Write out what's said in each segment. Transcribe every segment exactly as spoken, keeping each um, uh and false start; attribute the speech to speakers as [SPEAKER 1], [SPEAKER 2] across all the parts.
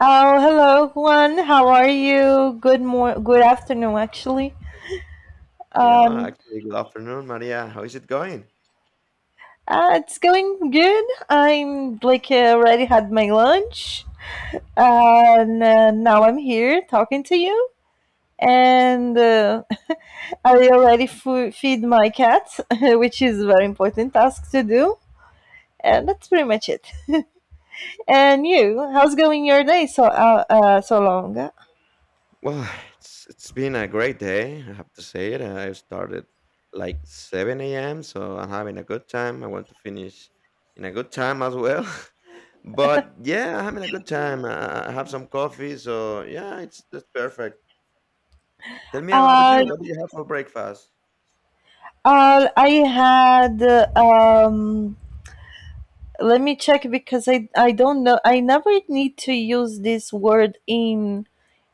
[SPEAKER 1] Oh, hello, Juan. How are you? Good mor- good afternoon, actually.
[SPEAKER 2] Yeah,
[SPEAKER 1] Um,
[SPEAKER 2] actually, good afternoon, Maria. How is it going?
[SPEAKER 1] uh, it's going good. I'm like uh, already had my lunch, and uh, now I'm here talking to you. And uh, I already fu- feed my cat, which is a very important task to do. And that's pretty much it. And you, how's going your day so uh, uh, so long? Uh,
[SPEAKER 2] Well, it's it's been a great day. I have to say it. I started like seven a m, so I'm having a good time. I want to finish in a good time as well. But yeah, I'm having a good time. I, I have some coffee, so yeah, it's just perfect. Tell me about
[SPEAKER 1] uh,
[SPEAKER 2] you. What do you have for breakfast?
[SPEAKER 1] I had uh, um, let me check because I I don't know. I never need to use this word in,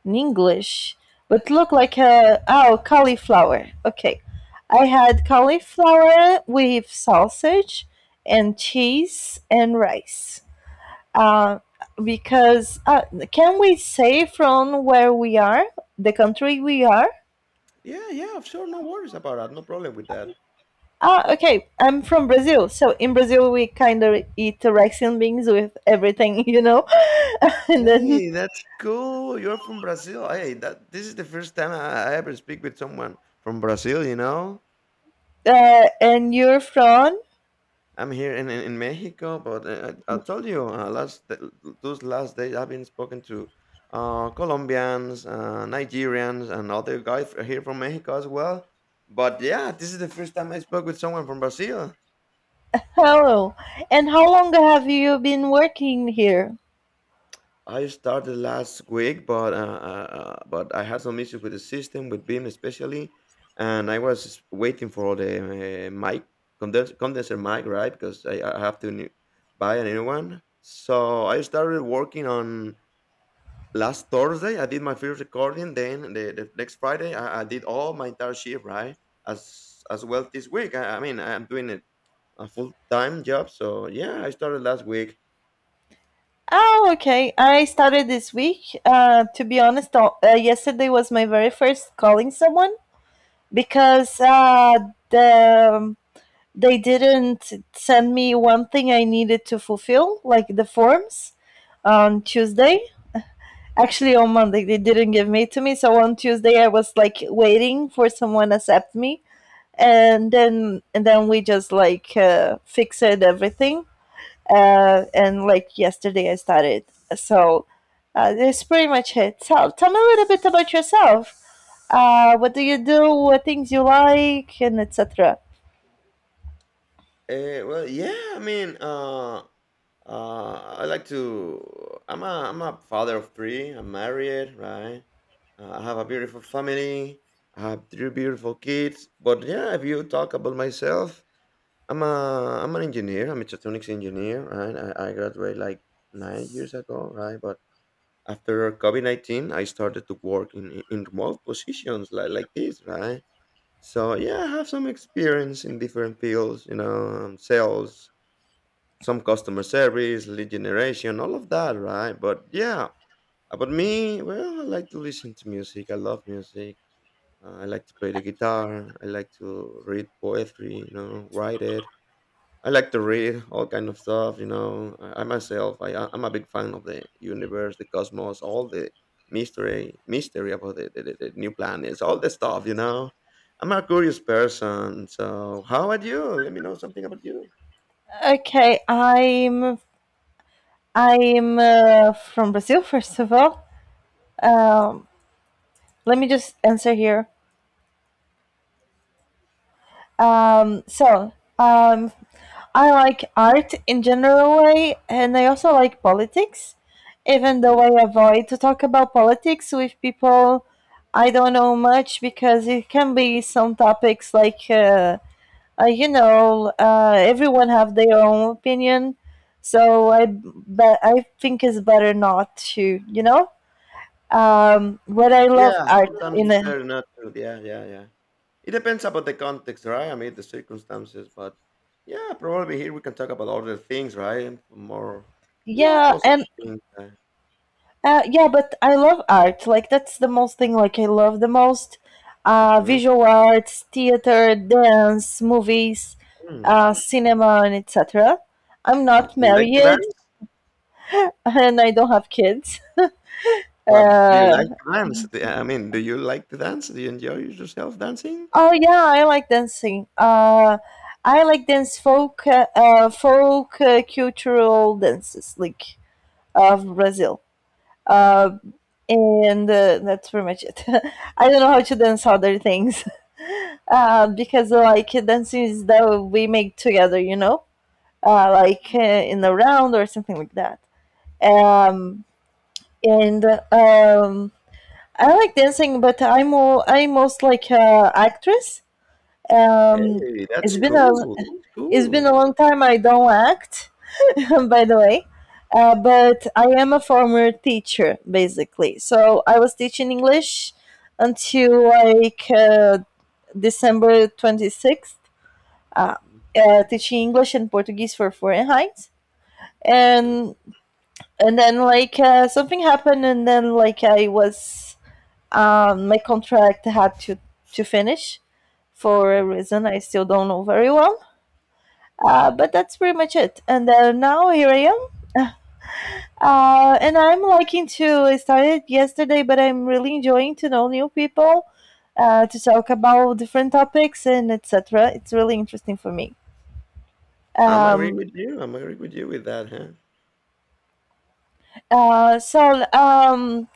[SPEAKER 1] in English. But look like a oh cauliflower. Okay. I had cauliflower with sausage and cheese and rice. Uh, because uh, can we say from where we are, the country we are?
[SPEAKER 2] Yeah, yeah, sure. No worries about that. No problem with that.
[SPEAKER 1] Ah, okay. I'm from Brazil, so in Brazil we kind of eat rice and beans with everything, you know, and then
[SPEAKER 2] Hey, that's cool. You're from Brazil. Hey, that this is the first time I, I ever speak with someone from Brazil, you know?
[SPEAKER 1] Uh, and you're from?
[SPEAKER 2] I'm here in, in, in Mexico, but uh, I, I told you uh, last th- those last days I've been spoken to uh, Colombians, uh, Nigerians, and other guys f- here from Mexico as well. But yeah, this is the first time I spoke with someone from Brazil.
[SPEAKER 1] Hello. And how long have you been working here?
[SPEAKER 2] I started last week, but uh, uh, uh, but I had some issues with the system, with Beam especially, and I was waiting for the uh, mic condens- condenser mic, right? Because I, I have to new- buy a new one. So I started working on last Thursday. I did my first recording. Then the, the next Friday, I, I did all my entire shift, right? As as well this week. I, I mean, I'm doing it a full time job. So yeah, I started last week.
[SPEAKER 1] Oh, okay. I started this week. Uh, to be honest, uh, yesterday was my very first calling someone because uh, the um, they didn't send me one thing I needed to fulfill, like the forms, on
[SPEAKER 2] Mhm.
[SPEAKER 1] Tuesday. Actually, on Monday they didn't give me to me. So on Tuesday I was like waiting for someone to accept me, and then and then we just like uh, fixed everything. Uh,
[SPEAKER 2] Mhm.
[SPEAKER 1] and like yesterday, I started. So, uh, that's pretty much it. So tell me a little bit about yourself. Uh, what do you do? What things you like, and et cetera.
[SPEAKER 2] Eh, well, yeah, I mean, uh, uh, I like to. I'm a I'm a father of three. I'm married, right? Uh, I have a beautiful family. I have three beautiful kids. But yeah, if you talk about myself, I'm a I'm an engineer. I'm a mechatronics engineer, right? I, I graduated like nine years ago, right? But after COVID nineteen, I started to work in in in remote positions like like this, right? So yeah, I have some experience in different fields, you know, um, sales, some customer service, lead generation, all of that, right? But yeah, about me, well, I like to listen to music. I love music. Uh, I like to play the guitar. I like to read poetry. You know, write it. I like to read all kind of stuff. You know, I, I myself, I I- I'm a big fan of the universe, the cosmos, all the mystery, mystery about the, the, the the new planets, all the stuff. You know, I'm a curious person. So, how about you? Let me know something about you.
[SPEAKER 1] Okay, I'm I'm uh, from Brazil. First of all, um, let me just answer here. Um, so I'm I like art in general way, and I also like politics, even though
[SPEAKER 2] Hmm.
[SPEAKER 1] I avoid to talk about politics with people I don't know much because it can be some topics like uh, uh, you know uh, everyone have their own opinion, so I but I think it's better not to you know. Um, but I love
[SPEAKER 2] Yeah,
[SPEAKER 1] art
[SPEAKER 2] sometimes
[SPEAKER 1] in
[SPEAKER 2] it's
[SPEAKER 1] a
[SPEAKER 2] better not to. Yeah, yeah, yeah. It depends about the context, right? I mean, the circumstances, but yeah, probably here we can talk about other things, right? More, you know,
[SPEAKER 1] yeah,
[SPEAKER 2] positive
[SPEAKER 1] and
[SPEAKER 2] things. Uh,
[SPEAKER 1] Uh, yeah, but I love art. Like that's the most thing. Like I love the most uh,
[SPEAKER 2] mhm.
[SPEAKER 1] visual arts, theater, dance, movies,
[SPEAKER 2] Mm.
[SPEAKER 1] uh, cinema, and et cetera. I'm not
[SPEAKER 2] You like to
[SPEAKER 1] married
[SPEAKER 2] dance?
[SPEAKER 1] and I don't have kids.
[SPEAKER 2] But do you
[SPEAKER 1] Uh,
[SPEAKER 2] like to dance? Do- I mean, do you like to dance? Do you enjoy yourself dancing?
[SPEAKER 1] oh yeah, I like dancing. Uh, I like dance folk, uh, uh, folk uh, cultural dances like of Brazil. Uh, and uh, That's pretty much it. I don't know how to dance other things. Uh, because like dances that we make together, you know, uh, like uh, in a round or something like that. Um, and um, I like dancing, but I'm more, I'm most like a actress. Um,
[SPEAKER 2] Hey, that's
[SPEAKER 1] it's been a
[SPEAKER 2] cool. That's
[SPEAKER 1] it's been a
[SPEAKER 2] cool.
[SPEAKER 1] long time I don't act, by the way. Uh, but I am a former teacher, basically. So I was teaching English until like uh, December twenty-sixth uh, uh, teaching English and Portuguese for Fahrenheit,
[SPEAKER 2] Mhm.
[SPEAKER 1] and and then like uh, something happened, and then like I was um, my contract had to to finish for a reason I still don't know very well. Uh, but that's pretty much it. And then now here I am. Uh, and I'm liking to. I started yesterday, but I'm really enjoying to know new people, uh, to talk about different topics and et cetera. It's really interesting for me.
[SPEAKER 2] I'm agree
[SPEAKER 1] Um,
[SPEAKER 2] with you. I'm agree with you with that, huh?
[SPEAKER 1] uh, so um,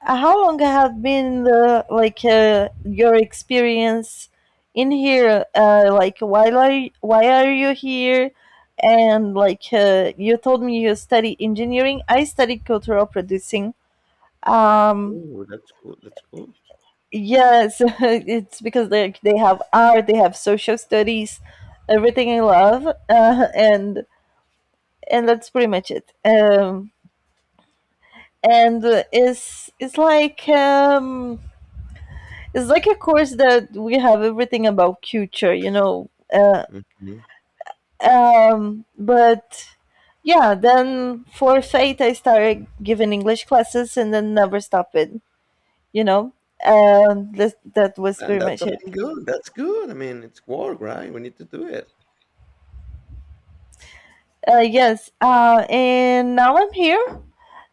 [SPEAKER 1] Uh, How long have been the, like uh, your experience in here? Uh, like why are you, why are you here? And like uh, you told me you study engineering, I study cultural producing. Um,
[SPEAKER 2] Oh, that's cool. That's cool.
[SPEAKER 1] yes, it's because like they have art, they have social studies, everything I love, uh, and and that's pretty much it. Um, and uh, it's it's like um, It's like a course that we have everything about culture, you know. Uh,
[SPEAKER 2] Hmm.
[SPEAKER 1] um, but yeah, then for fate, I started giving English classes and then never stopped it, you know. Um, that that was
[SPEAKER 2] And
[SPEAKER 1] pretty
[SPEAKER 2] that's
[SPEAKER 1] much it.
[SPEAKER 2] something good. That's good. I mean, it's work, right? We need to do it.
[SPEAKER 1] Uh, yes, uh, and now I'm here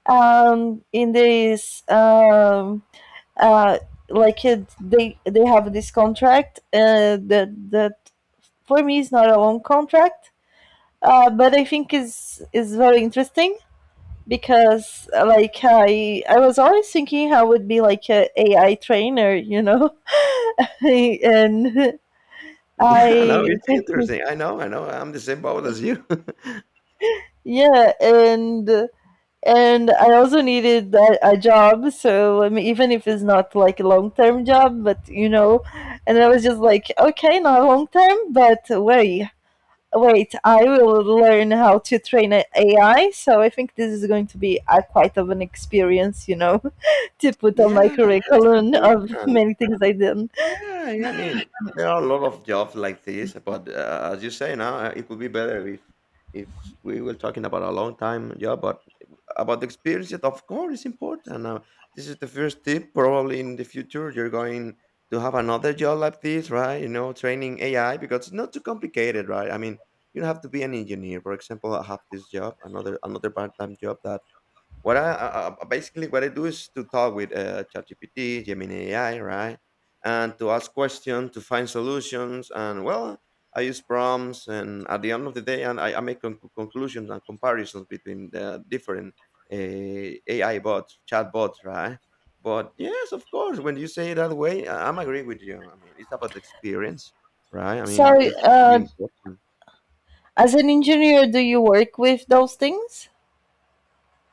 [SPEAKER 1] um, in this um, uh, like it, they they have this contract uh, that that for me is not a long contract, uh, but I think is is very interesting because uh, like I I was always thinking I would be like a AI trainer, you know, and
[SPEAKER 2] Yeah, no,
[SPEAKER 1] I
[SPEAKER 2] it's interesting. I know. I know. I'm the same boat as you.
[SPEAKER 1] yeah, and and I also needed a, a job, so I mean, even if it's not like a long term job, but you know, and I was just like, okay, not long term, but wait, wait, I will learn how to train a AI. So I think this is going to be a, quite of an experience, you know, to put on my
[SPEAKER 2] Yeah, that's
[SPEAKER 1] curriculum of
[SPEAKER 2] important.
[SPEAKER 1] many things I did.
[SPEAKER 2] Yeah, yeah. I mean, there are a lot of jobs like this, but uh, as you say now, uh, it would be better if if we were talking about a long time job, but about the experience, it, of course, is important. Now, this is the first tip. Probably in the future, you're going to have another job like this, right? You know, training A I because it's not too complicated, right? I mean, you don't have to be an engineer. For example, I have this job, another another part time job that what I uh, uh, basically what I do is to talk with uh, ChatGPT, Gemini A I, right, and to ask questions to find solutions. And well, I use prompts, and at the end of the day, and I, I make con- conclusions and comparisons between the different uh, A I bots, chat bots, right. But yes, of course, when you say it that way, I- I'm agree with you. I mean, it's about the experience, right? I
[SPEAKER 1] So,
[SPEAKER 2] mean, this will be
[SPEAKER 1] uh,
[SPEAKER 2] important.
[SPEAKER 1] as an engineer, do you work with those things?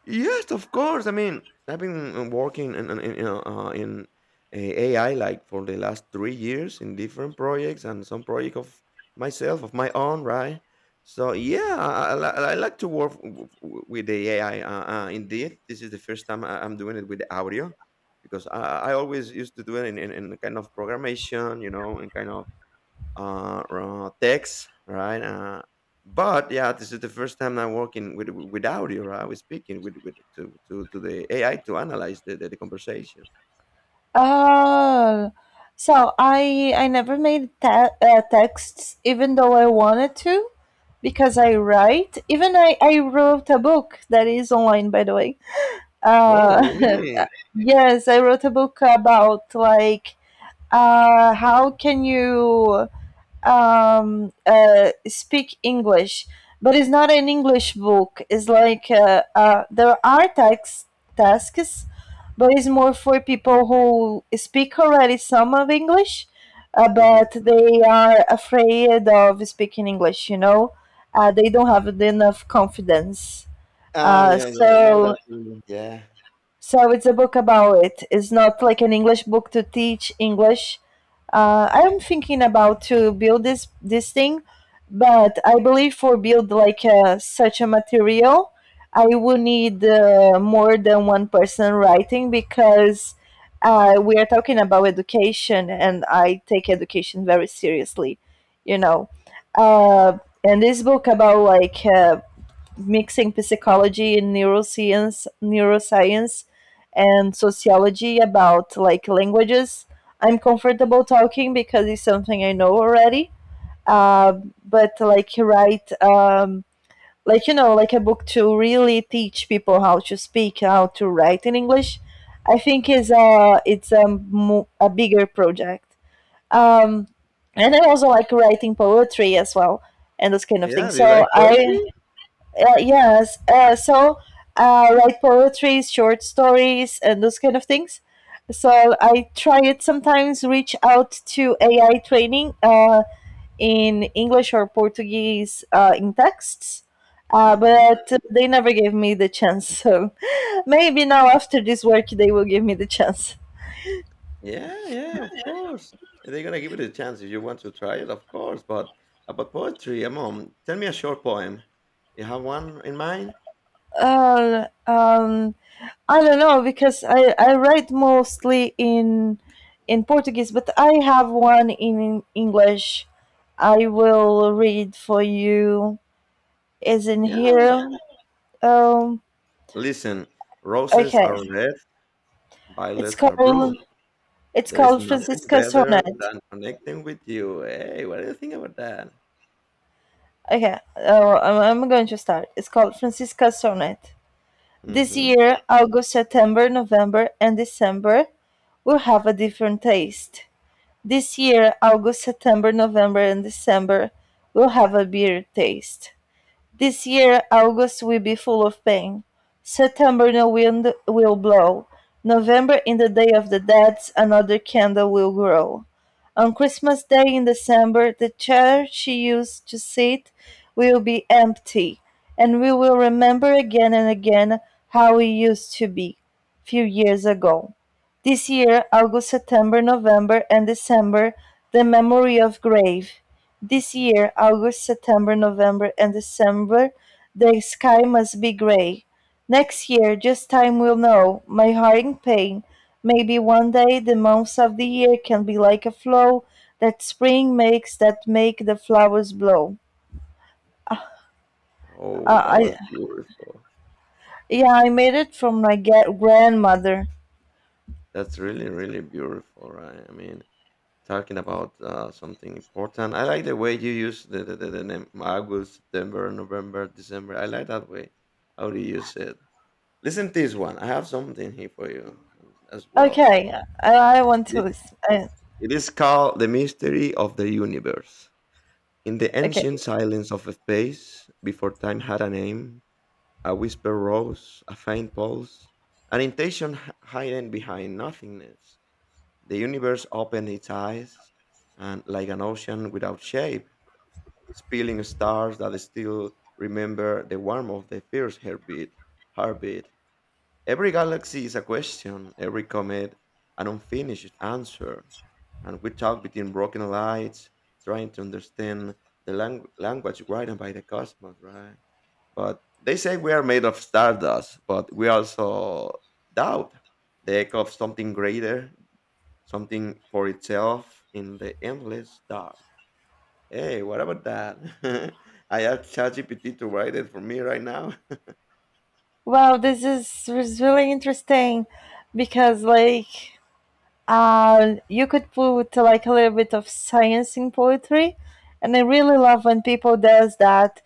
[SPEAKER 2] Yes, of course. I mean, I've been uh, working in in, in, uh, uh, in uh, A I like for the last three years in different projects and some project of myself of my own, right? So yeah, I, I, li- I like to work w- w- with the A I. Uh, uh, indeed, this is the first time I- I'm doing it with the audio because I, I always used to do it in, in, in kind of programmation, you know, and kind of uh, uh, text, right? Uh, but yeah, this is the first time I'm working with with audio. Right? I was speaking with, with to, to to the A I to analyze the, the, the conversation.
[SPEAKER 1] Ah. So I I never made te- uh, texts even though I wanted to because I write even I, I wrote a book that is online, by the way.
[SPEAKER 2] Oh,
[SPEAKER 1] Uh,
[SPEAKER 2] really?
[SPEAKER 1] yes, I wrote a book about like uh, how can you um, uh, speak English, but it's not an English book. It's like uh, uh, there are tax tasks, but it's more for people who speak already some of English, uh,
[SPEAKER 2] Hmm.
[SPEAKER 1] but they are afraid of speaking English. You know, uh, they don't have enough confidence.
[SPEAKER 2] Ah,
[SPEAKER 1] Uh,
[SPEAKER 2] yeah, yeah. Now
[SPEAKER 1] so
[SPEAKER 2] that feeling. Yeah,
[SPEAKER 1] so it's a book about it. It's not like an English book to teach English. Uh, I am thinking about to build this this thing, but I believe for build like uh, such a material, I will need uh, more than one person writing because uh, we are talking about education, and I take education very seriously, you know. Uh, and this book about like uh, mixing psychology and neuroscience, neuroscience and sociology about like languages. I'm comfortable talking because it's something I know already. Uh, but like write, um, like you know, like a book to really teach people how to speak, how to write in English. I think is a it's a, mo- a bigger project. Um, and I also like writing poetry as well and those kind of
[SPEAKER 2] yeah.
[SPEAKER 1] things.
[SPEAKER 2] Do you
[SPEAKER 1] So
[SPEAKER 2] like
[SPEAKER 1] I
[SPEAKER 2] poetry?
[SPEAKER 1] uh, yes. Uh, so, uh, write poetry, short stories, and those kind of things. So I try it sometimes. Reach out to A I training, uh, in English or Portuguese, uh, in texts, uh,
[SPEAKER 2] Hmm.
[SPEAKER 1] but they never gave me the chance. So maybe now after this work, they will give me the chance.
[SPEAKER 2] Yeah, yeah. Of course. And they're gonna give it a chance if you want to try it, of course. But about poetry, mom, tell me a short poem. You have one in mind?
[SPEAKER 1] Uh, um, I don't know because I, I write mostly in in Portuguese, but I have one in English. I will read for you. Is in
[SPEAKER 2] Yeah.
[SPEAKER 1] here. Um.
[SPEAKER 2] Listen, roses
[SPEAKER 1] Okay.
[SPEAKER 2] are red.
[SPEAKER 1] It's
[SPEAKER 2] Violets are blue.
[SPEAKER 1] called it's
[SPEAKER 2] There is
[SPEAKER 1] called
[SPEAKER 2] nothing
[SPEAKER 1] Francisca
[SPEAKER 2] better
[SPEAKER 1] Sonnet.
[SPEAKER 2] than connecting with you. Hey, what do you think about that?
[SPEAKER 1] Okay. Uh, I'm, I'm going to start. It's called Francisca Sonnet. This
[SPEAKER 2] Hmm.
[SPEAKER 1] year, August, September, November, and December will have a different taste. This year, August, September, November, and December will have a beer taste. This year August will be full of pain. September no wind will blow. November in the day of the dead another candle will grow. On Christmas Day in December the chair she used to sit will be empty, and we will remember again and again how we used to be few years ago. This year, August, September, November, and December, the memory of grave. This year, August, September, November, and December, the sky must be grey. Next year, just time will know. My heart in pain. Maybe one day the months of the year can be like a flow that spring makes that make the flowers blow.
[SPEAKER 2] Oh,
[SPEAKER 1] Uh,
[SPEAKER 2] that was
[SPEAKER 1] I
[SPEAKER 2] beautiful.
[SPEAKER 1] Yeah, I made it from my ga- grandmother.
[SPEAKER 2] That's really, really beautiful, right? I mean, talking about uh, something important. I like the way you use the, the, the, the name August, September, November, December. I like that way. How do you use it? Listen to this one. I have something here for you as well.
[SPEAKER 1] Okay, I, I want to
[SPEAKER 2] It is,
[SPEAKER 1] listen. I,
[SPEAKER 2] it is called The Mystery of the Universe. In the
[SPEAKER 1] okay.
[SPEAKER 2] ancient silence of space, before time had a name, a whisper rose, a faint pulse, an intention h- hidden behind nothingness. The universe opened its eyes, and like an ocean without shape, spilling stars that still remember the warmth of the first heartbeat. Heartbeat. Every galaxy is a question, every comet an unfinished answer. And we talk between broken lights, trying to understand the lang- language written by the cosmos, right? But they say we are made of stardust, but we also doubt the echo of something greater, something for itself in the endless dark. Hey, what about that? I asked ChatGPT to write it for me right now.
[SPEAKER 1] Wow, this is was really interesting because like Uh, you could put like a little bit of science in poetry, and I really love when people does that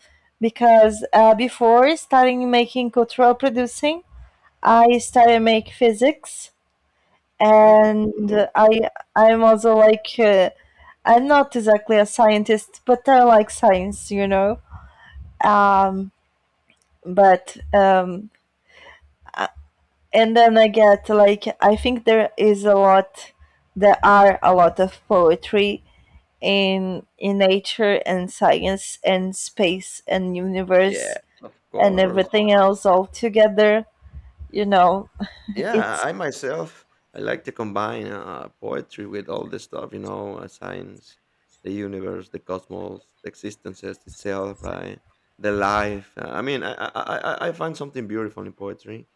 [SPEAKER 1] because uh, before starting making cultural producing, I started make physics,
[SPEAKER 2] Hmm, that's
[SPEAKER 1] and
[SPEAKER 2] cool.
[SPEAKER 1] I I'm also like uh, I'm not exactly a scientist, but I like science, you know. Um, but um, uh, and then I get like I think there is a lot, there are a lot of poetry in in nature and science and space and
[SPEAKER 2] Yeah,
[SPEAKER 1] universe
[SPEAKER 2] of
[SPEAKER 1] and
[SPEAKER 2] course.
[SPEAKER 1] everything else all together you know
[SPEAKER 2] Yeah,
[SPEAKER 1] it's
[SPEAKER 2] I myself I like to combine uh, poetry with all the stuff, you know, uh, science, the universe, the cosmos, the existences itself, right? The life. Uh, I mean, I, I I I I find something beautiful in poetry.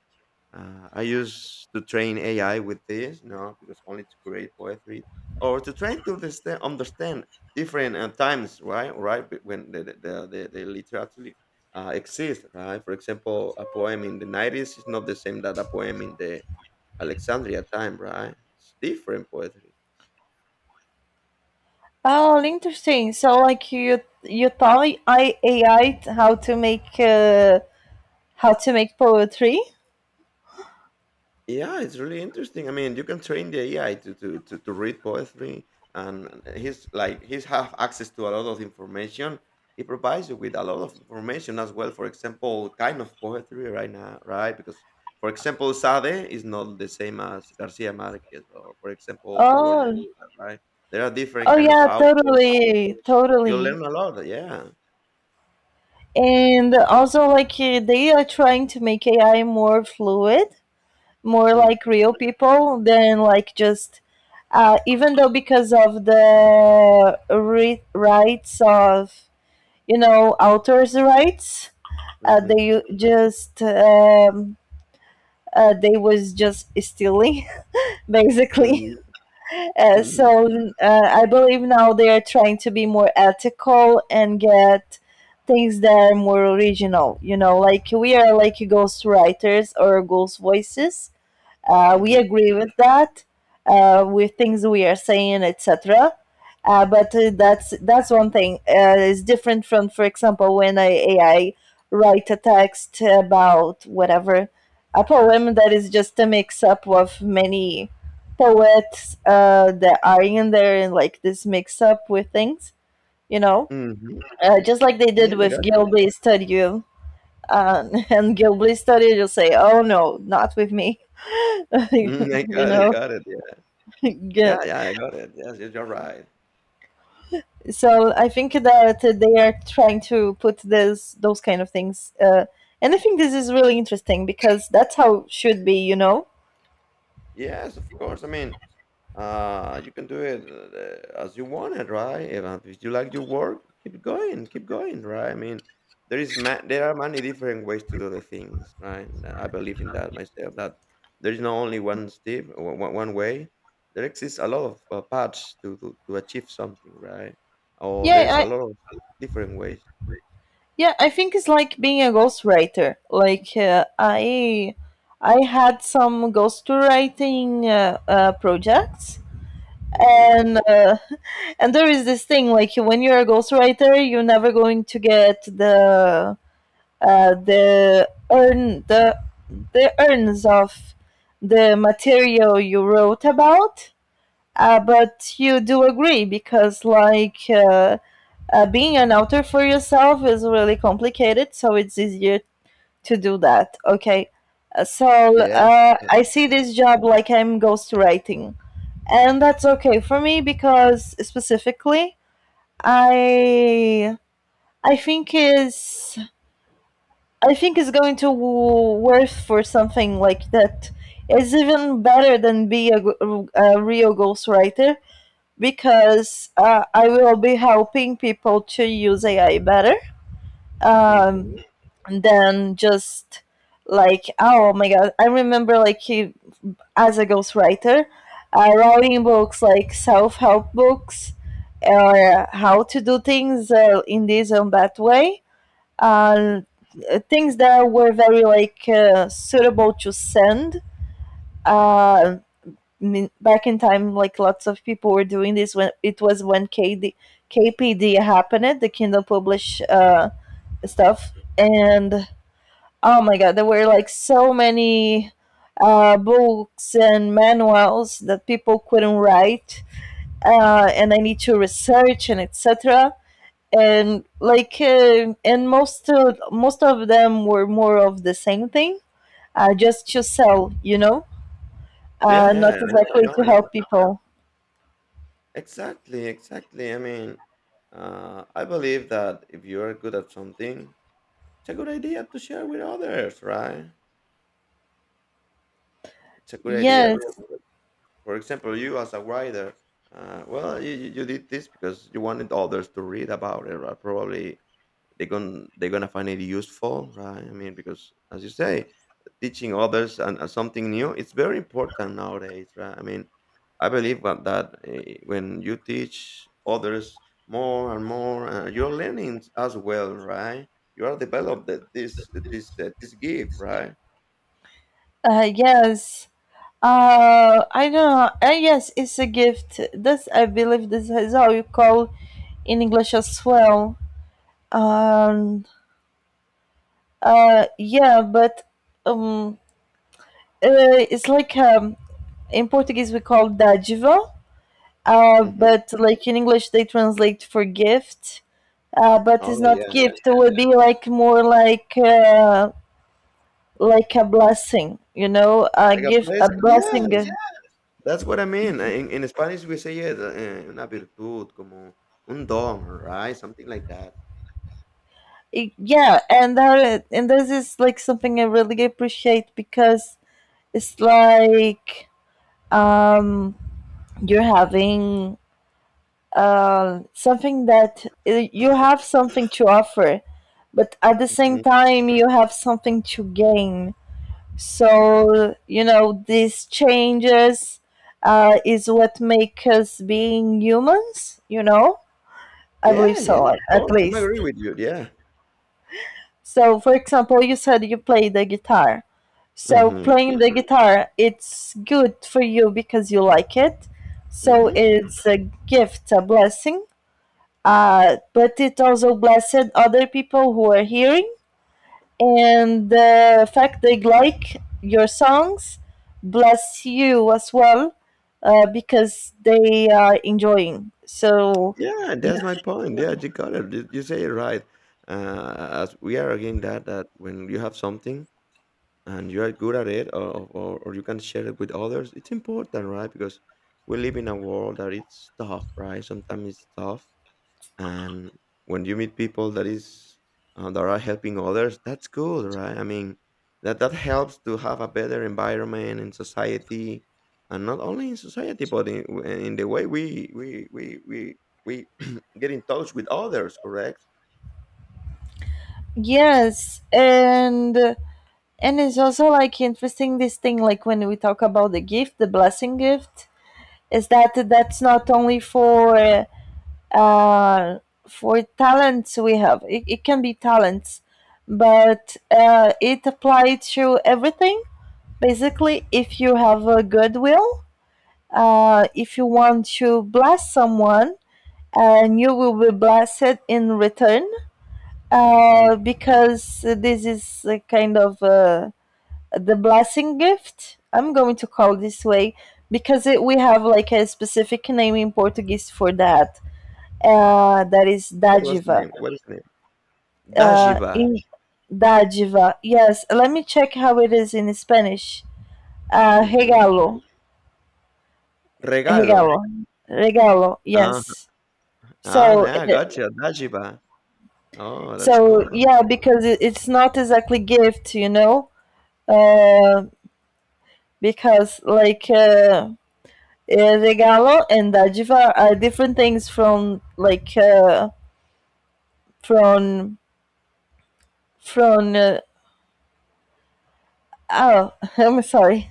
[SPEAKER 2] Uh, I used to train A I with this, you know, because only to create poetry or to try to understand, understand different uh, times, right? Right be- when the the the, the the literature uh, exists, right? For example, a poem in the nineties is not the same that a poem in the Alexandria time, right? It's different poetry.
[SPEAKER 1] Oh, interesting, so like you you taught I A I how to make uh, how to make poetry.
[SPEAKER 2] Yeah, it's really interesting. I mean, you can train the A I to to, to, to read poetry, and he's like he's have access to a lot of information. He provides you with a lot of information as well. For example, kind of poetry right now, right? Because for example, Sade is not the same as Garcia Marquez, or for example, Pablo
[SPEAKER 1] oh
[SPEAKER 2] Neruda, right? There are different
[SPEAKER 1] oh,
[SPEAKER 2] kind of
[SPEAKER 1] yeah,
[SPEAKER 2] authors.
[SPEAKER 1] totally,
[SPEAKER 2] You
[SPEAKER 1] totally.
[SPEAKER 2] learn a lot, yeah.
[SPEAKER 1] And also like uh, they are trying to make A I more fluid, more
[SPEAKER 2] Mm-hmm,
[SPEAKER 1] like real people than like just uh, even though because of the re- rights of you know authors rights, uh,
[SPEAKER 2] mm-hmm,
[SPEAKER 1] they just um, uh, they was just stealing basically.
[SPEAKER 2] mm-hmm,
[SPEAKER 1] Uh,
[SPEAKER 2] mm-hmm.
[SPEAKER 1] so, uh, I believe now they are trying to be more ethical and get things that are more original you know like we are like ghost writers or ghost voices, uh, we agree with that, uh, with things we are saying, et cetera. Uh, but uh, that's that's one thing. Uh, it's different from, for example, when I A I write a text about whatever, a poem that is just a mix up of many poets uh, that are in there and like this mix up with things, you know,
[SPEAKER 2] Mm-hmm.
[SPEAKER 1] uh, just like they
[SPEAKER 2] Yeah,
[SPEAKER 1] did
[SPEAKER 2] yeah, I
[SPEAKER 1] with
[SPEAKER 2] got
[SPEAKER 1] Gilby Study. Um, and Gilby Study, you'll say, "Oh no, not with me,"
[SPEAKER 2] you. Mhm, I
[SPEAKER 1] you
[SPEAKER 2] got it,
[SPEAKER 1] know.
[SPEAKER 2] got it, yeah. Yeah,
[SPEAKER 1] Yeah.
[SPEAKER 2] yeah, I got it. Yes, yes, you're right.
[SPEAKER 1] So I think that they are trying to put this those kind of things, uh, and I think this is really interesting because that's how it should be, you know.
[SPEAKER 2] Yes, of course, I mean, uh, you can do it, uh, as you want it, right? If, uh, if you like your work, keep going, keep going, right? I mean, there is ma there are many different ways to do the things, right? And I believe in that myself, that there is not only one step, one one- one way. There exists a lot of uh, paths to, to to achieve something, right? Or
[SPEAKER 1] Yeah,
[SPEAKER 2] there's a
[SPEAKER 1] I
[SPEAKER 2] lot of different ways.
[SPEAKER 1] yeah, I think it's like being a ghostwriter. Like uh, I I had some ghostwriting uh, uh, projects,
[SPEAKER 2] Hmm.
[SPEAKER 1] and uh, and there is this thing like when you're a ghostwriter, you're never going to get the uh, the urn the the urns of the material you wrote about. Uh, but you do agree because like uh, uh, being an author for yourself is really complicated, so it's easier to do that. Okay. Uh, So
[SPEAKER 2] Yeah.
[SPEAKER 1] uh, I see this job like I'm ghostwriting, and that's okay for me because specifically I I think is I think it's going to w- worth for something like that. It's even better than be a, g- a real ghostwriter because uh, I will be helping people to use A I better um,
[SPEAKER 2] Hmm.
[SPEAKER 1] than just like, oh my god. I remember like he, as a ghostwriter, uh, writing books like self help books or how to do things uh, in this and that way,
[SPEAKER 2] Mhm,
[SPEAKER 1] uh, things that were very like uh, suitable to send. Uh, I mean, back in time, like lots of people were doing this when it was when K D K P D happened, the Kindle Publish uh,
[SPEAKER 2] mm.
[SPEAKER 1] stuff, and oh my god, there were like so many uh, books and manuals that people couldn't write, uh, and I need to research and etc, and like uh, and most of, most of them were more of the same thing, uh, just to sell, you know,
[SPEAKER 2] Yeah,
[SPEAKER 1] uh,
[SPEAKER 2] yeah, I
[SPEAKER 1] not
[SPEAKER 2] know, I
[SPEAKER 1] exactly
[SPEAKER 2] know, I
[SPEAKER 1] to
[SPEAKER 2] know.
[SPEAKER 1] help people.
[SPEAKER 2] Exactly, exactly. I mean, uh, I believe that if you are good at something, it's a good idea to share with others, right? It's a good idea
[SPEAKER 1] Yes.
[SPEAKER 2] to, for for example, you as a writer, uh, well, you, you you did this because you wanted others to read about it, right? Probably they're going they're gonna find it useful, right? I mean, because as you say, teaching others and uh, something new, it's very important nowadays, right? I mean, i believe what- that eh, when you teach others more and more, uh, you're learning as well, right? You are developed that this this uh, this gift, right?
[SPEAKER 1] Uh, yes, uh, I don't know, uh, yes, it's a gift. This I believe this is how you call in English as well. um, uh, yeah, but um, uh, it's like, um, in Portuguese we call dádiva. Uh,
[SPEAKER 2] Hmm.
[SPEAKER 1] but like in English, they translate for gift. Uh, but
[SPEAKER 2] Oh,
[SPEAKER 1] it's not
[SPEAKER 2] yeah yeah
[SPEAKER 1] gift. It would be like more like uh, like a blessing, you know, a
[SPEAKER 2] Like a
[SPEAKER 1] gift, a
[SPEAKER 2] blessing,
[SPEAKER 1] blessing.
[SPEAKER 2] yes.
[SPEAKER 1] uh,
[SPEAKER 2] That's what I mean. In, in Spanish we say, yeah, the, eh, una virtud como un don, right? Something like that.
[SPEAKER 1] it- Yeah, and that and this is like something I really appreciate because it's like, um you're having uh, something that uh, you have something to offer, but at the same
[SPEAKER 2] Mm-hmm.
[SPEAKER 1] time you have something to gain. So you know these changes uh, is what make us being humans. You know, I
[SPEAKER 2] Yeah,
[SPEAKER 1] believe so
[SPEAKER 2] yes,
[SPEAKER 1] at
[SPEAKER 2] of
[SPEAKER 1] at
[SPEAKER 2] course, I'm
[SPEAKER 1] least.
[SPEAKER 2] agree with you, yeah.
[SPEAKER 1] So for example, you said you play the guitar. So
[SPEAKER 2] Mhm,
[SPEAKER 1] playing the hmm guitar, it's good for you because you like it. So
[SPEAKER 2] mhm.
[SPEAKER 1] it's a gift, a blessing. Uh, but it also blessed other people who are hearing, and the fact they like your songs bless you as well, uh, because they are enjoying so.
[SPEAKER 2] Yeah,
[SPEAKER 1] Yeah.
[SPEAKER 2] that's my point, yeah, you got it, you you say it right. Uh, as we are again that that when you have something and you are good at it, or or or you can share it with others, it's important, right? Because we live in a world that it's tough, right? Sometimes it's tough. And when you meet people that is uh, that are helping others, that's good, right? I mean, that that helps to have a better environment in society, and not only in society but in, in the way we we we we, we get in touch with others, correct?
[SPEAKER 1] Yes, and and it's also like interesting this thing like when we talk about the gift, the blessing gift, is that that's not only for uh, for talents we have it, it can be talents, but uh, it applies to everything. Basically, if you have a goodwill, uh, if you want to bless someone, and you will be blessed in return,
[SPEAKER 2] Mm.
[SPEAKER 1] uh, because this is a kind of uh, the blessing gift. I'm going to call this way because it, we have like a specific name in Portuguese for that, uh, that is
[SPEAKER 2] What was the
[SPEAKER 1] dádiva.
[SPEAKER 2] name? What is the name?
[SPEAKER 1] Uh,
[SPEAKER 2] Dajiba.
[SPEAKER 1] in Dádiva, yes, let me check how it is in Spanish. Uh,
[SPEAKER 2] Hmm.
[SPEAKER 1] regalo.
[SPEAKER 2] Regalo.
[SPEAKER 1] Regalo. Regalo,
[SPEAKER 2] Ah.
[SPEAKER 1] yes.
[SPEAKER 2] Ah,
[SPEAKER 1] So,
[SPEAKER 2] yeah, I got
[SPEAKER 1] uh,
[SPEAKER 2] you. Dajiba. Oh, that's
[SPEAKER 1] so
[SPEAKER 2] cool.
[SPEAKER 1] yeah, because it, it's not exactly gift, you know? Uh, because like uh, eh, regalo and dádiva are different things from like uh, from from uh, oh, I'm sorry.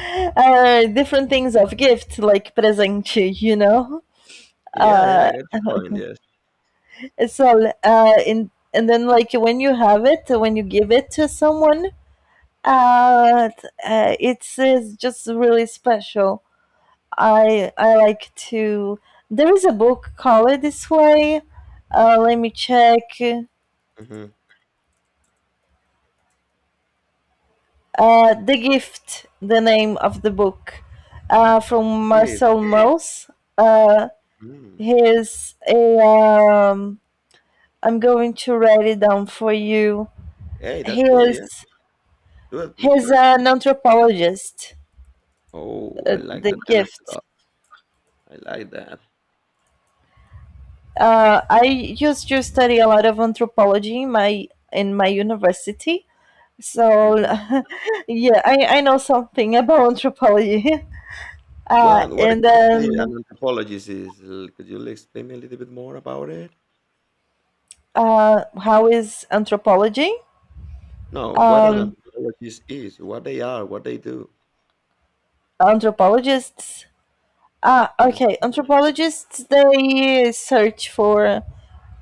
[SPEAKER 1] Uh, different things of gift like presente, you know?
[SPEAKER 2] Yeah, yeah, I
[SPEAKER 1] Uh,
[SPEAKER 2] got your point, yes.
[SPEAKER 1] so uh, in and then like when you have it, when you give it to someone, Uh, uh, it's, uh, it's just really special. I I like to. There is a book called this way. Uh, let me check.
[SPEAKER 2] Hmm.
[SPEAKER 1] Uh, the Gift, the name of the book, uh, from
[SPEAKER 2] Gift.
[SPEAKER 1] Marcel Mauss. Uh,
[SPEAKER 2] Mm.
[SPEAKER 1] he's a. Um, I'm going to write it down for you.
[SPEAKER 2] Hey, that's
[SPEAKER 1] He
[SPEAKER 2] cool. Yeah.
[SPEAKER 1] is
[SPEAKER 2] twelve please.
[SPEAKER 1] he's an anthropologist.
[SPEAKER 2] Oh,
[SPEAKER 1] Uh,
[SPEAKER 2] I like
[SPEAKER 1] the
[SPEAKER 2] that kind of
[SPEAKER 1] Gift.
[SPEAKER 2] stuff. I like that.
[SPEAKER 1] Uh, I used to study a lot of anthropology in my in my university. So
[SPEAKER 2] Hmm.
[SPEAKER 1] yeah, I, I know something about anthropology. Uh,
[SPEAKER 2] Well, what
[SPEAKER 1] and
[SPEAKER 2] exactly an
[SPEAKER 1] then
[SPEAKER 2] anthropologist is? L- Could you explain me a little bit more about it?
[SPEAKER 1] uh, how is anthropology?
[SPEAKER 2] No, what an
[SPEAKER 1] Um,
[SPEAKER 2] anthropologist is, what they are, what they do.
[SPEAKER 1] Anthropologists. Ah,
[SPEAKER 2] Mm-hmm,
[SPEAKER 1] okay. Anthropologists, they search for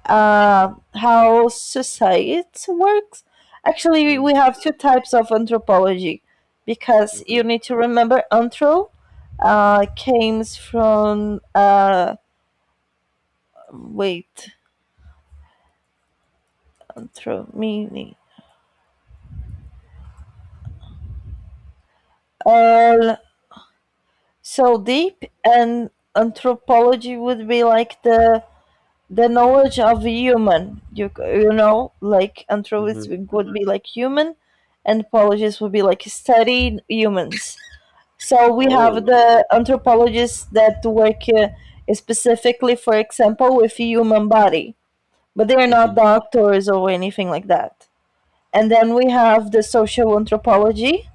[SPEAKER 1] uh, how society works. Actually, we
[SPEAKER 2] hmm,
[SPEAKER 1] have two types of anthropology because you
[SPEAKER 2] hmm.
[SPEAKER 1] need to remember anthro uh, came from, uh, wait anthro meaning all so deep, and anthropology would be like the the knowledge of a human. you you know, like anthropology would be like human, and apologies would be like studying humans. So we have
[SPEAKER 2] Oh.
[SPEAKER 1] the anthropologists that work uh, specifically, for example, with human body, but they are not
[SPEAKER 2] Hmm,
[SPEAKER 1] doctors or anything like that. And then we have the social anthropology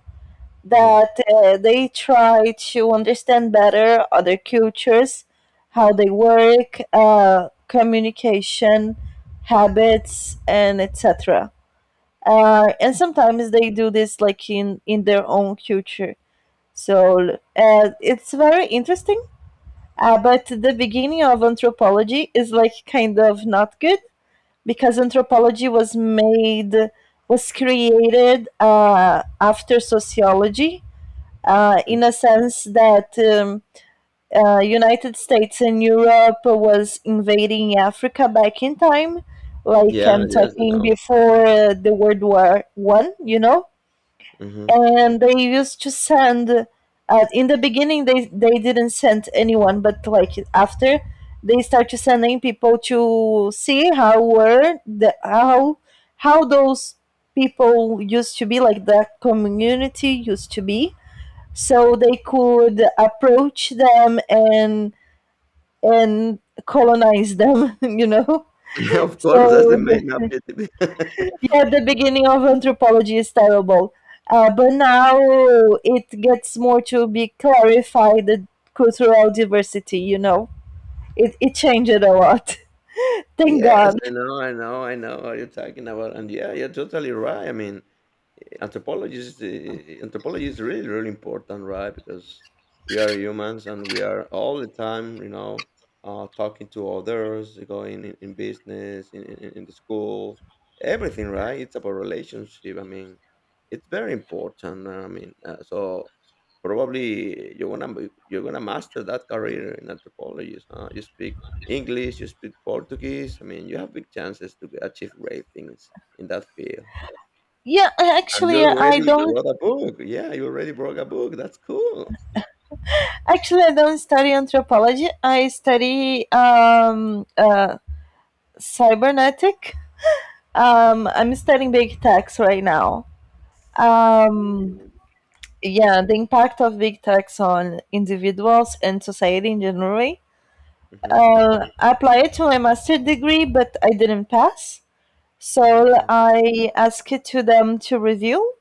[SPEAKER 2] hmm,
[SPEAKER 1] that uh, they try to understand better other cultures, how they work, uh, communication, habits, and et cetera. Uh, and sometimes they do this like in in their own culture, so uh, it's very interesting. Uh, but the beginning of anthropology is like kind of not good because anthropology was made, was created uh, after sociology, uh,
[SPEAKER 2] hmm.
[SPEAKER 1] in a sense that um, uh, United States and Europe was invading Africa back in time, like
[SPEAKER 2] Yeah,
[SPEAKER 1] I'm
[SPEAKER 2] yes,
[SPEAKER 1] talking
[SPEAKER 2] no.
[SPEAKER 1] before uh, the World War One, you know.
[SPEAKER 2] Hmm.
[SPEAKER 1] And they used to send uh, in the beginning they they didn't send anyone, but like after, they start to sending people to see how were the how how those people used to be, like that community used to be, so they could approach them and and colonize them, you know.
[SPEAKER 2] Of course, that's
[SPEAKER 1] So
[SPEAKER 2] the
[SPEAKER 1] the,
[SPEAKER 2] main objective.
[SPEAKER 1] yeah, the beginning of anthropology is terrible. Uh, but now it gets more to be clarified the cultural diversity, you know? It, it changed a lot. Thank
[SPEAKER 2] Yes,
[SPEAKER 1] God.
[SPEAKER 2] I know, I know, I know what you're talking about. And yeah, you're totally right. I mean, anthropology is uh, anthropology is really really important, right? Because we are humans and we are all the time, you know, uh, talking to others, going in, in business, in, in, in the school, everything, right? It's about relationship. I mean, it's very important. I mean, uh, so probably you're gonna be- you're gonna master that career in anthropology, huh? You speak English, you speak Portuguese. I mean, you have big chances to achieve great things in that field.
[SPEAKER 1] Yeah,
[SPEAKER 2] And you
[SPEAKER 1] actually, I
[SPEAKER 2] already
[SPEAKER 1] don't.
[SPEAKER 2] wrote a book. Yeah, you already wrote a book. That's cool.
[SPEAKER 1] Actually, I don't study anthropology. I study um, uh, cybernetic. Um, I'm studying big techs right now. Um,
[SPEAKER 2] Mm,
[SPEAKER 1] yeah, the impact of big techs on individuals and society in general.
[SPEAKER 2] mhm,
[SPEAKER 1] uh, I applied to my master's degree, but I didn't pass.
[SPEAKER 2] mhm,
[SPEAKER 1] So
[SPEAKER 2] mhm,
[SPEAKER 1] I asked to them to review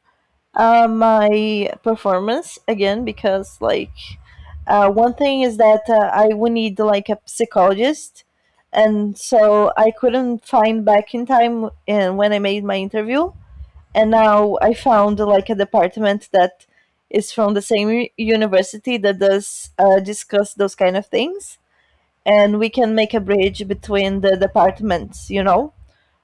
[SPEAKER 1] uh, my performance again because, like, uh, one thing is that uh, I would need like a psychologist, and so I couldn't find back in time in, when I made my interview. And now I found like a department that is from the same university that does uh, discuss those kind of things, and we can make a bridge between the departments, you know?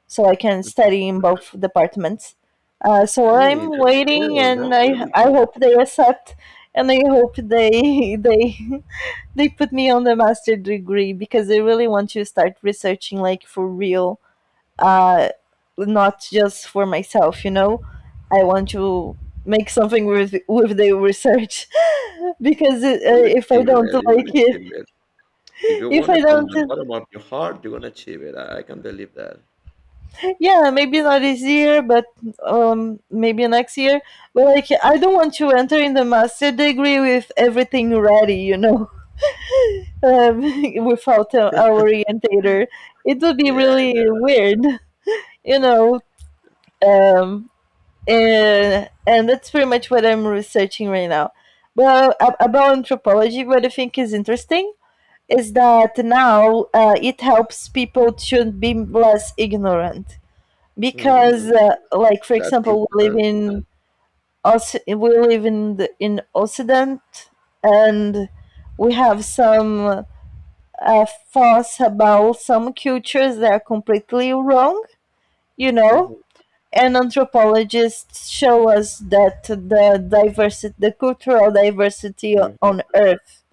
[SPEAKER 1] So I can
[SPEAKER 2] mhm.
[SPEAKER 1] study in both departments. Uh, so
[SPEAKER 2] Hey,
[SPEAKER 1] I'm
[SPEAKER 2] that's
[SPEAKER 1] waiting,
[SPEAKER 2] cool.
[SPEAKER 1] and
[SPEAKER 2] That's
[SPEAKER 1] I
[SPEAKER 2] really
[SPEAKER 1] I
[SPEAKER 2] cool.
[SPEAKER 1] hope they accept, and I hope they they they put me on the master degree because I really want to start researching like for real, uh, not just for myself, you know. I want to make something with with the research because uh,
[SPEAKER 2] You're gonna
[SPEAKER 1] if I
[SPEAKER 2] achieve
[SPEAKER 1] don't
[SPEAKER 2] it. You're gonna
[SPEAKER 1] like it,
[SPEAKER 2] achieve it. If you
[SPEAKER 1] if
[SPEAKER 2] want
[SPEAKER 1] I
[SPEAKER 2] it from
[SPEAKER 1] don't.
[SPEAKER 2] the bottom of your heart, you're gonna achieve it. I, I can believe that.
[SPEAKER 1] Yeah, maybe not this year, but um, maybe next year. But like, I
[SPEAKER 2] Mm.
[SPEAKER 1] don't want to enter in the master degree with everything ready, you know, um, without uh, our orientator. It would be
[SPEAKER 2] Yeah.
[SPEAKER 1] really weird, you know. Um, and and that's pretty much what I'm researching right now. Well, ab- about anthropology, what I think is interesting is that now uh, it helps people to be less ignorant because
[SPEAKER 2] Mm,
[SPEAKER 1] uh, like for
[SPEAKER 2] that's
[SPEAKER 1] example we live
[SPEAKER 2] important.
[SPEAKER 1] in Oc- we live in the, in occident, and we have some uh, thoughts about some cultures that are completely wrong, you know.
[SPEAKER 2] Mhm,
[SPEAKER 1] And anthropologists show us that the diversity, the cultural diversity
[SPEAKER 2] mhm.
[SPEAKER 1] on earth,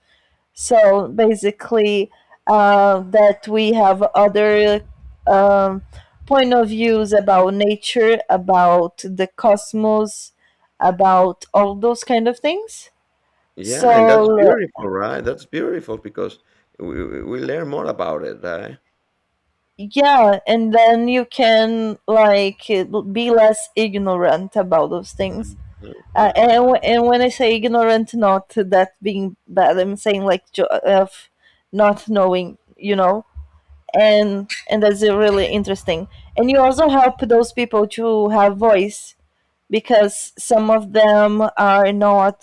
[SPEAKER 1] so basically, uh, that we have other um, point of views about nature, about the cosmos, about all those kind of things.
[SPEAKER 2] Yeah, and that's
[SPEAKER 1] So
[SPEAKER 2] beautiful, right? That's beautiful because we, we we learn more about it, right?
[SPEAKER 1] yeah, and then you can like be less ignorant about those things.
[SPEAKER 2] Mhm,
[SPEAKER 1] Uh, and
[SPEAKER 2] mhm.
[SPEAKER 1] w- and when I say ignorant, not that being bad, I'm saying like jo- of not knowing, you know. and and that's uh, really interesting, and you also help those people to have voice because some of them are not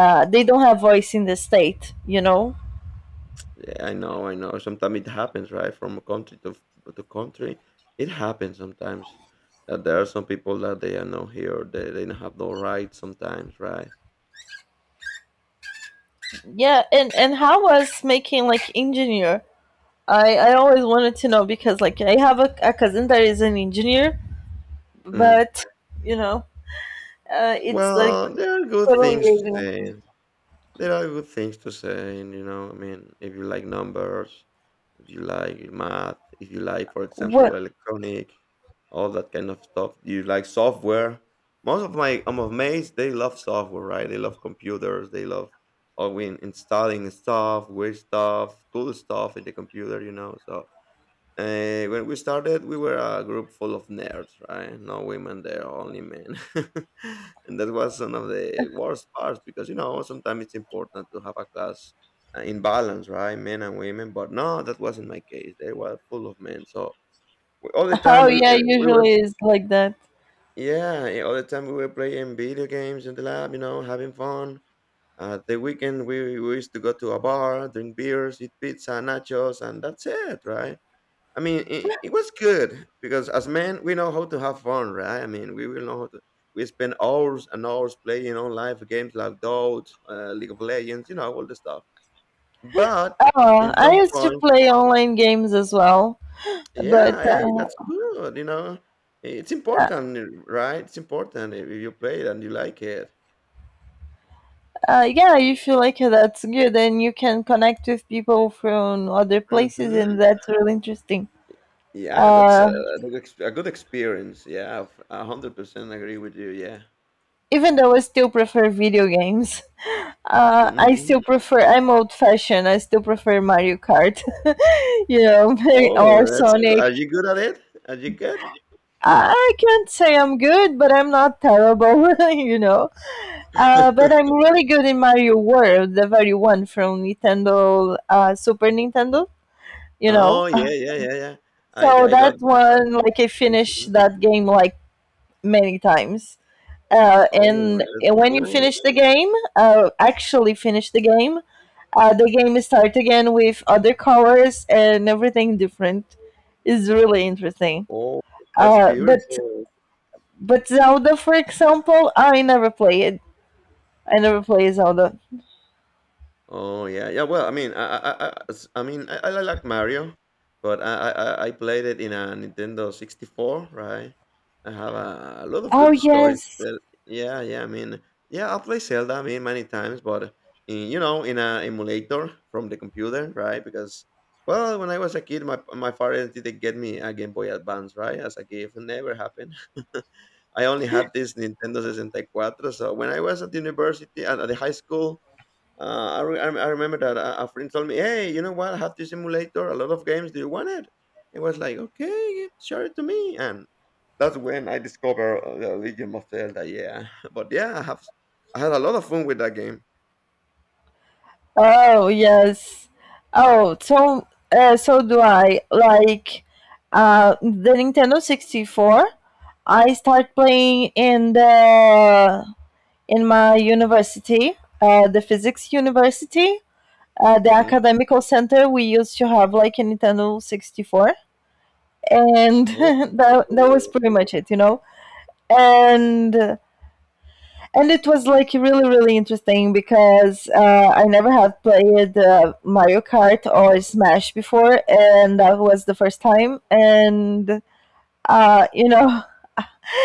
[SPEAKER 1] uh, they don't have voice in the state, you know.
[SPEAKER 2] Yeah, I know, I know. Sometimes it happens, right? From a country to f- to country, it happens sometimes. That there are some people that they are not here, they, they don't have no rights sometimes, right?
[SPEAKER 1] Yeah and and how was making like engineer, i I always wanted to know because like I have a, a cousin that is an engineer,
[SPEAKER 2] Mm.
[SPEAKER 1] but you know, uh, it's like
[SPEAKER 2] Well, there are good
[SPEAKER 1] totally
[SPEAKER 2] things to
[SPEAKER 1] alien.
[SPEAKER 2] say. There are good things to say, and you know, I mean, if you like numbers, if you like math, if you like, for example,
[SPEAKER 1] What
[SPEAKER 2] electronic, all that kind of stuff. You like software. Most of my I'm of mates, they love software, right? They love computers. They love oh, we installing stuff, weird stuff, cool stuff in the computer, you know. So uh, when we started, we were a group full of nerds, right? No women there, only men. And that was one of the worst parts because, you know, sometimes it's important to have a class uh, in balance, right? Men and women. But no, that wasn't my case. They were full of men. So we, all the time
[SPEAKER 1] How,
[SPEAKER 2] we,
[SPEAKER 1] yeah,
[SPEAKER 2] uh, we were,
[SPEAKER 1] usually is like that.
[SPEAKER 2] yeah, yeah, all the time we were playing video games in the lab, you know, having fun. Uh, the weekend we, we used to go to a bar, drink beers, eat pizza, nachos, and that's it, right? I mean, it, it was good because as men, we know how to have fun, right? I mean, we will know how to. We spend hours and hours playing on live games like Dota, uh, League of Legends, you know, all the stuff. But
[SPEAKER 1] Oh,
[SPEAKER 2] in
[SPEAKER 1] I
[SPEAKER 2] some
[SPEAKER 1] used to
[SPEAKER 2] point,
[SPEAKER 1] play online games as well. But
[SPEAKER 2] yeah, hey,
[SPEAKER 1] uh,
[SPEAKER 2] that's good, you know. It's
[SPEAKER 1] uh,
[SPEAKER 2] important, right? It's important if you play it and you like it.
[SPEAKER 1] uh, yeah, if you like it, that's good, and you can connect with people from other places, and
[SPEAKER 2] Hmm.
[SPEAKER 1] that's really interesting.
[SPEAKER 2] Yeah, that's a,
[SPEAKER 1] uh,
[SPEAKER 2] a good ex- a good experience. Yeah, I've- a hundred percent agree with you. Yeah.
[SPEAKER 1] Even though I still prefer video games, uh, i
[SPEAKER 2] Hmm.
[SPEAKER 1] still prefer I'm old fashioned I still prefer Mario Kart you know
[SPEAKER 2] Oh,
[SPEAKER 1] or
[SPEAKER 2] that's good.
[SPEAKER 1] Sonic.
[SPEAKER 2] Are you good at it? Are you good?
[SPEAKER 1] I can't say I'm good, but I'm not terrible. You know uh, but I'm really good in Mario World, the very one from Nintendo, uh, Super nintendo you know
[SPEAKER 2] Oh, yeah, yeah, yeah, yeah. I
[SPEAKER 1] So
[SPEAKER 2] I got
[SPEAKER 1] that
[SPEAKER 2] that.
[SPEAKER 1] one, like, I finished
[SPEAKER 2] Mhm.
[SPEAKER 1] that game like many times. Uh,
[SPEAKER 2] Oh,
[SPEAKER 1] and,
[SPEAKER 2] that's
[SPEAKER 1] and when you
[SPEAKER 2] cool.
[SPEAKER 1] finish the game, uh, actually finish the game, uh, the game start again with other colors and everything different. Is really interesting.
[SPEAKER 2] Oh, that's
[SPEAKER 1] Uh, but
[SPEAKER 2] beautiful.
[SPEAKER 1] but Zelda, for example, I never play it. I never play Zelda.
[SPEAKER 2] Oh yeah, yeah. Well, I mean, I, I, I, I s- I mean, I, I like Mario, but I, I, I I played it in a Nintendo sixty four, right? I have a, a lot of
[SPEAKER 1] Oh,
[SPEAKER 2] good stories.
[SPEAKER 1] yes.
[SPEAKER 2] There. Yeah, yeah. I mean, yeah, I play Zelda. I mean, many times, but in, you know, in a emulator from the computer, right? Because well, when I was a kid, my my father didn't get me a Game Boy Advance, right, as a gift. It never happened. I only had this Nintendo sixty-four. So when I was at university, at, at the high school, uh, I, re- I I remember that a, a friend told me, "Hey, you know what? I have this simulator. A lot of games. Do you want it?" It was like, "Okay, yeah, share it to me." And that's when I discovered uh, the Legend of Zelda. Yeah, but yeah, I have I had a lot of fun with that game.
[SPEAKER 1] Oh, yes. Oh, so uh, so do I. Like, uh the Nintendo sixty-four, I start playing in the in my university, uh the physics university, uh the
[SPEAKER 2] Hmm.
[SPEAKER 1] academical center. We used to have like a Nintendo sixty-four, and
[SPEAKER 2] Oh,
[SPEAKER 1] that that was
[SPEAKER 2] cool.
[SPEAKER 1] pretty much it, you know. And and it was like really really interesting because uh, I never had played uh, Mario Kart or Smash before, and that was the first time. And uh, you know,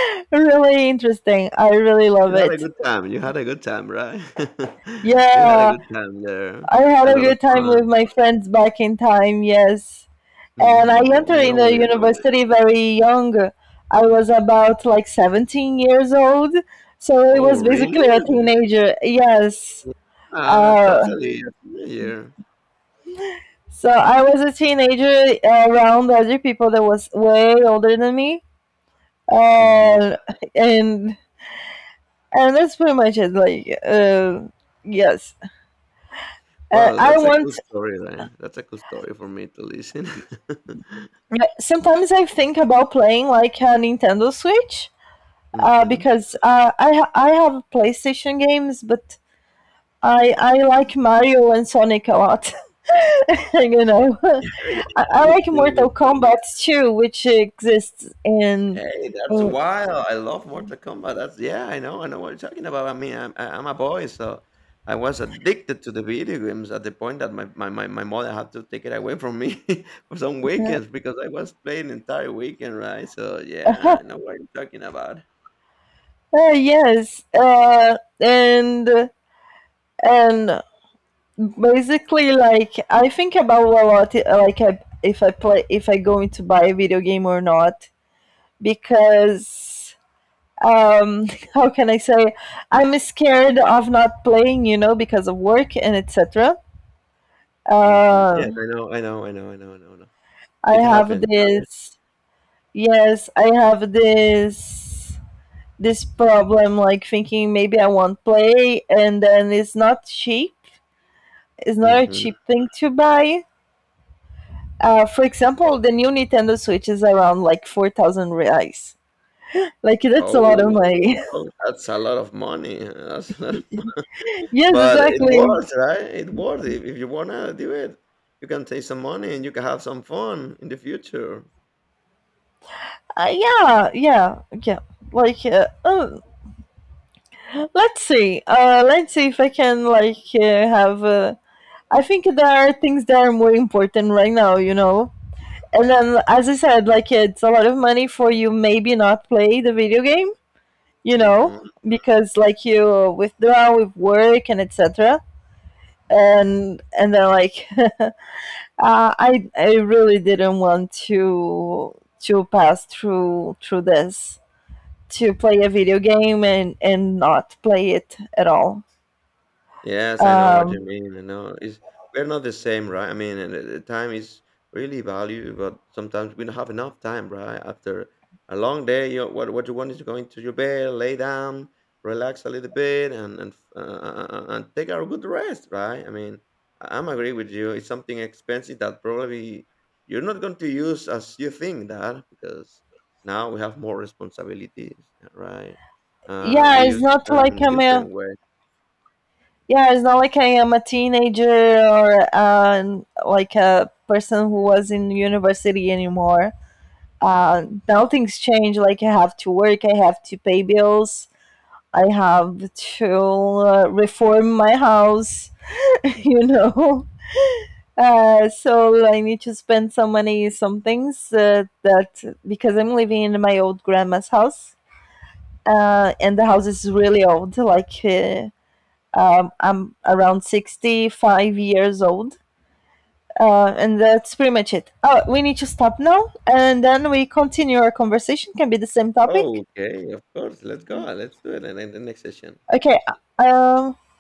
[SPEAKER 1] really interesting. I really love
[SPEAKER 2] You had a
[SPEAKER 1] it.
[SPEAKER 2] good time. You had a good time, right? You had a
[SPEAKER 1] Yeah,
[SPEAKER 2] good time there.
[SPEAKER 1] I had
[SPEAKER 2] A
[SPEAKER 1] a
[SPEAKER 2] lot of
[SPEAKER 1] good time with
[SPEAKER 2] fun.
[SPEAKER 1] my friends back in time. Yes, and I
[SPEAKER 2] Hmm. Yeah, I
[SPEAKER 1] entered
[SPEAKER 2] know
[SPEAKER 1] in the
[SPEAKER 2] what you mean.
[SPEAKER 1] university very young. I was about like seventeen years old, so I
[SPEAKER 2] Oh,
[SPEAKER 1] was basically a
[SPEAKER 2] really?
[SPEAKER 1] teenager. Yes.
[SPEAKER 2] Yeah,
[SPEAKER 1] Uh,
[SPEAKER 2] totally. A teenager.
[SPEAKER 1] So I was a teenager uh, around other people that was way older than me, uh, and and that's pretty much it. Like, uh, yes, uh,
[SPEAKER 2] Well,
[SPEAKER 1] I
[SPEAKER 2] that's a
[SPEAKER 1] want.
[SPEAKER 2] cool story, right? That's a cool story for me to listen.
[SPEAKER 1] Yeah, sometimes I think about playing like a Nintendo Switch, uh,
[SPEAKER 2] Hmm.
[SPEAKER 1] because uh, I ha- I have PlayStation games, but I I like Mario and Sonic a lot. you know,
[SPEAKER 2] Hey,
[SPEAKER 1] I, I
[SPEAKER 2] me too,
[SPEAKER 1] like
[SPEAKER 2] me-
[SPEAKER 1] Mortal
[SPEAKER 2] too.
[SPEAKER 1] Kombat too, which exists in.
[SPEAKER 2] Hey, that's
[SPEAKER 1] in
[SPEAKER 2] wild. I love Mortal Kombat. That's yeah, I know, I know what you're talking about. I mean, I'm I- I'm a boy, so I was addicted to the video games at the point that my my, my, my mother had to take it away from me for some weekends because I was playing the entire weekend, right? So yeah, I know what you're talking about.
[SPEAKER 1] Uh, yes, uh, and and basically, like, I think about a lot, uh, like, I, if I play, if I going to buy a video game or not, because um, how can I say, I'm scared of not playing, you know, because of work and et cetera.
[SPEAKER 2] Hmm.
[SPEAKER 1] Uh,
[SPEAKER 2] Yes, I know, I know, I know, I know, I know, I know.
[SPEAKER 1] I
[SPEAKER 2] It
[SPEAKER 1] have
[SPEAKER 2] happens, right?
[SPEAKER 1] this, yes, I have this this problem, like thinking maybe I won't play, and then it's not cheap. It's not a
[SPEAKER 2] Hmm.
[SPEAKER 1] cheap thing to buy. Uh, for example, the new Nintendo Switch is around like four thousand reais. Like, that's a lot of
[SPEAKER 2] Oh,
[SPEAKER 1] money.
[SPEAKER 2] oh, that's a lot of money. That's a lot-
[SPEAKER 1] yes,
[SPEAKER 2] but it
[SPEAKER 1] exactly.
[SPEAKER 2] worth, right? It worth if, if you wanna do it. You can take some money and you can have some fun in the future.
[SPEAKER 1] Uh, yeah, yeah, yeah. Like, uh, oh, let's see. Uh, let's see if I can, like, uh, have. Uh, I think there are things that are more important right now, you know? And then, as I said, like, it's a lot of money for you maybe not play the video game, you know?
[SPEAKER 2] Mhm.
[SPEAKER 1] Because, like, you withdraw with work and etc, and and they're like, uh, I I really didn't want to to pass through through this to play a video game and and not play it at all.
[SPEAKER 2] Yes, I know what you
[SPEAKER 1] Um,
[SPEAKER 2] mean, I know. It's we're not the same, right? I mean, and, uh, time is really valuable, but sometimes we don't have enough time, right? After a long day, you what what you want is to go into your bed, lay down, relax a little bit, and and uh, uh, uh, and take a good rest, right? I mean, I- I'm agree with you. It's something expensive that probably you're not going to use as you think that because now we have more responsibilities, right? Uh,
[SPEAKER 1] yeah,
[SPEAKER 2] we
[SPEAKER 1] it's
[SPEAKER 2] use the
[SPEAKER 1] not
[SPEAKER 2] time
[SPEAKER 1] like
[SPEAKER 2] in a
[SPEAKER 1] I'm a
[SPEAKER 2] different way.
[SPEAKER 1] yeah, it's not like I am a teenager, or uh, like a person who was in university anymore. Uh, now things change. Like, I have to work, I have to pay bills, I have to uh, reform my house, you know. Uh, so I need to spend some money, some things uh, that, because I'm living in my old grandma's house, uh, and the house is really old. Like, uh, um, I'm around sixty-five years old, uh, and that's pretty much it. Oh, we need to stop now, and then we continue our conversation. Can be the same
[SPEAKER 2] Oh,
[SPEAKER 1] topic.
[SPEAKER 2] okay. Of course. Let's go. Let's do it in, in the next session.
[SPEAKER 1] Okay. Um. Uh,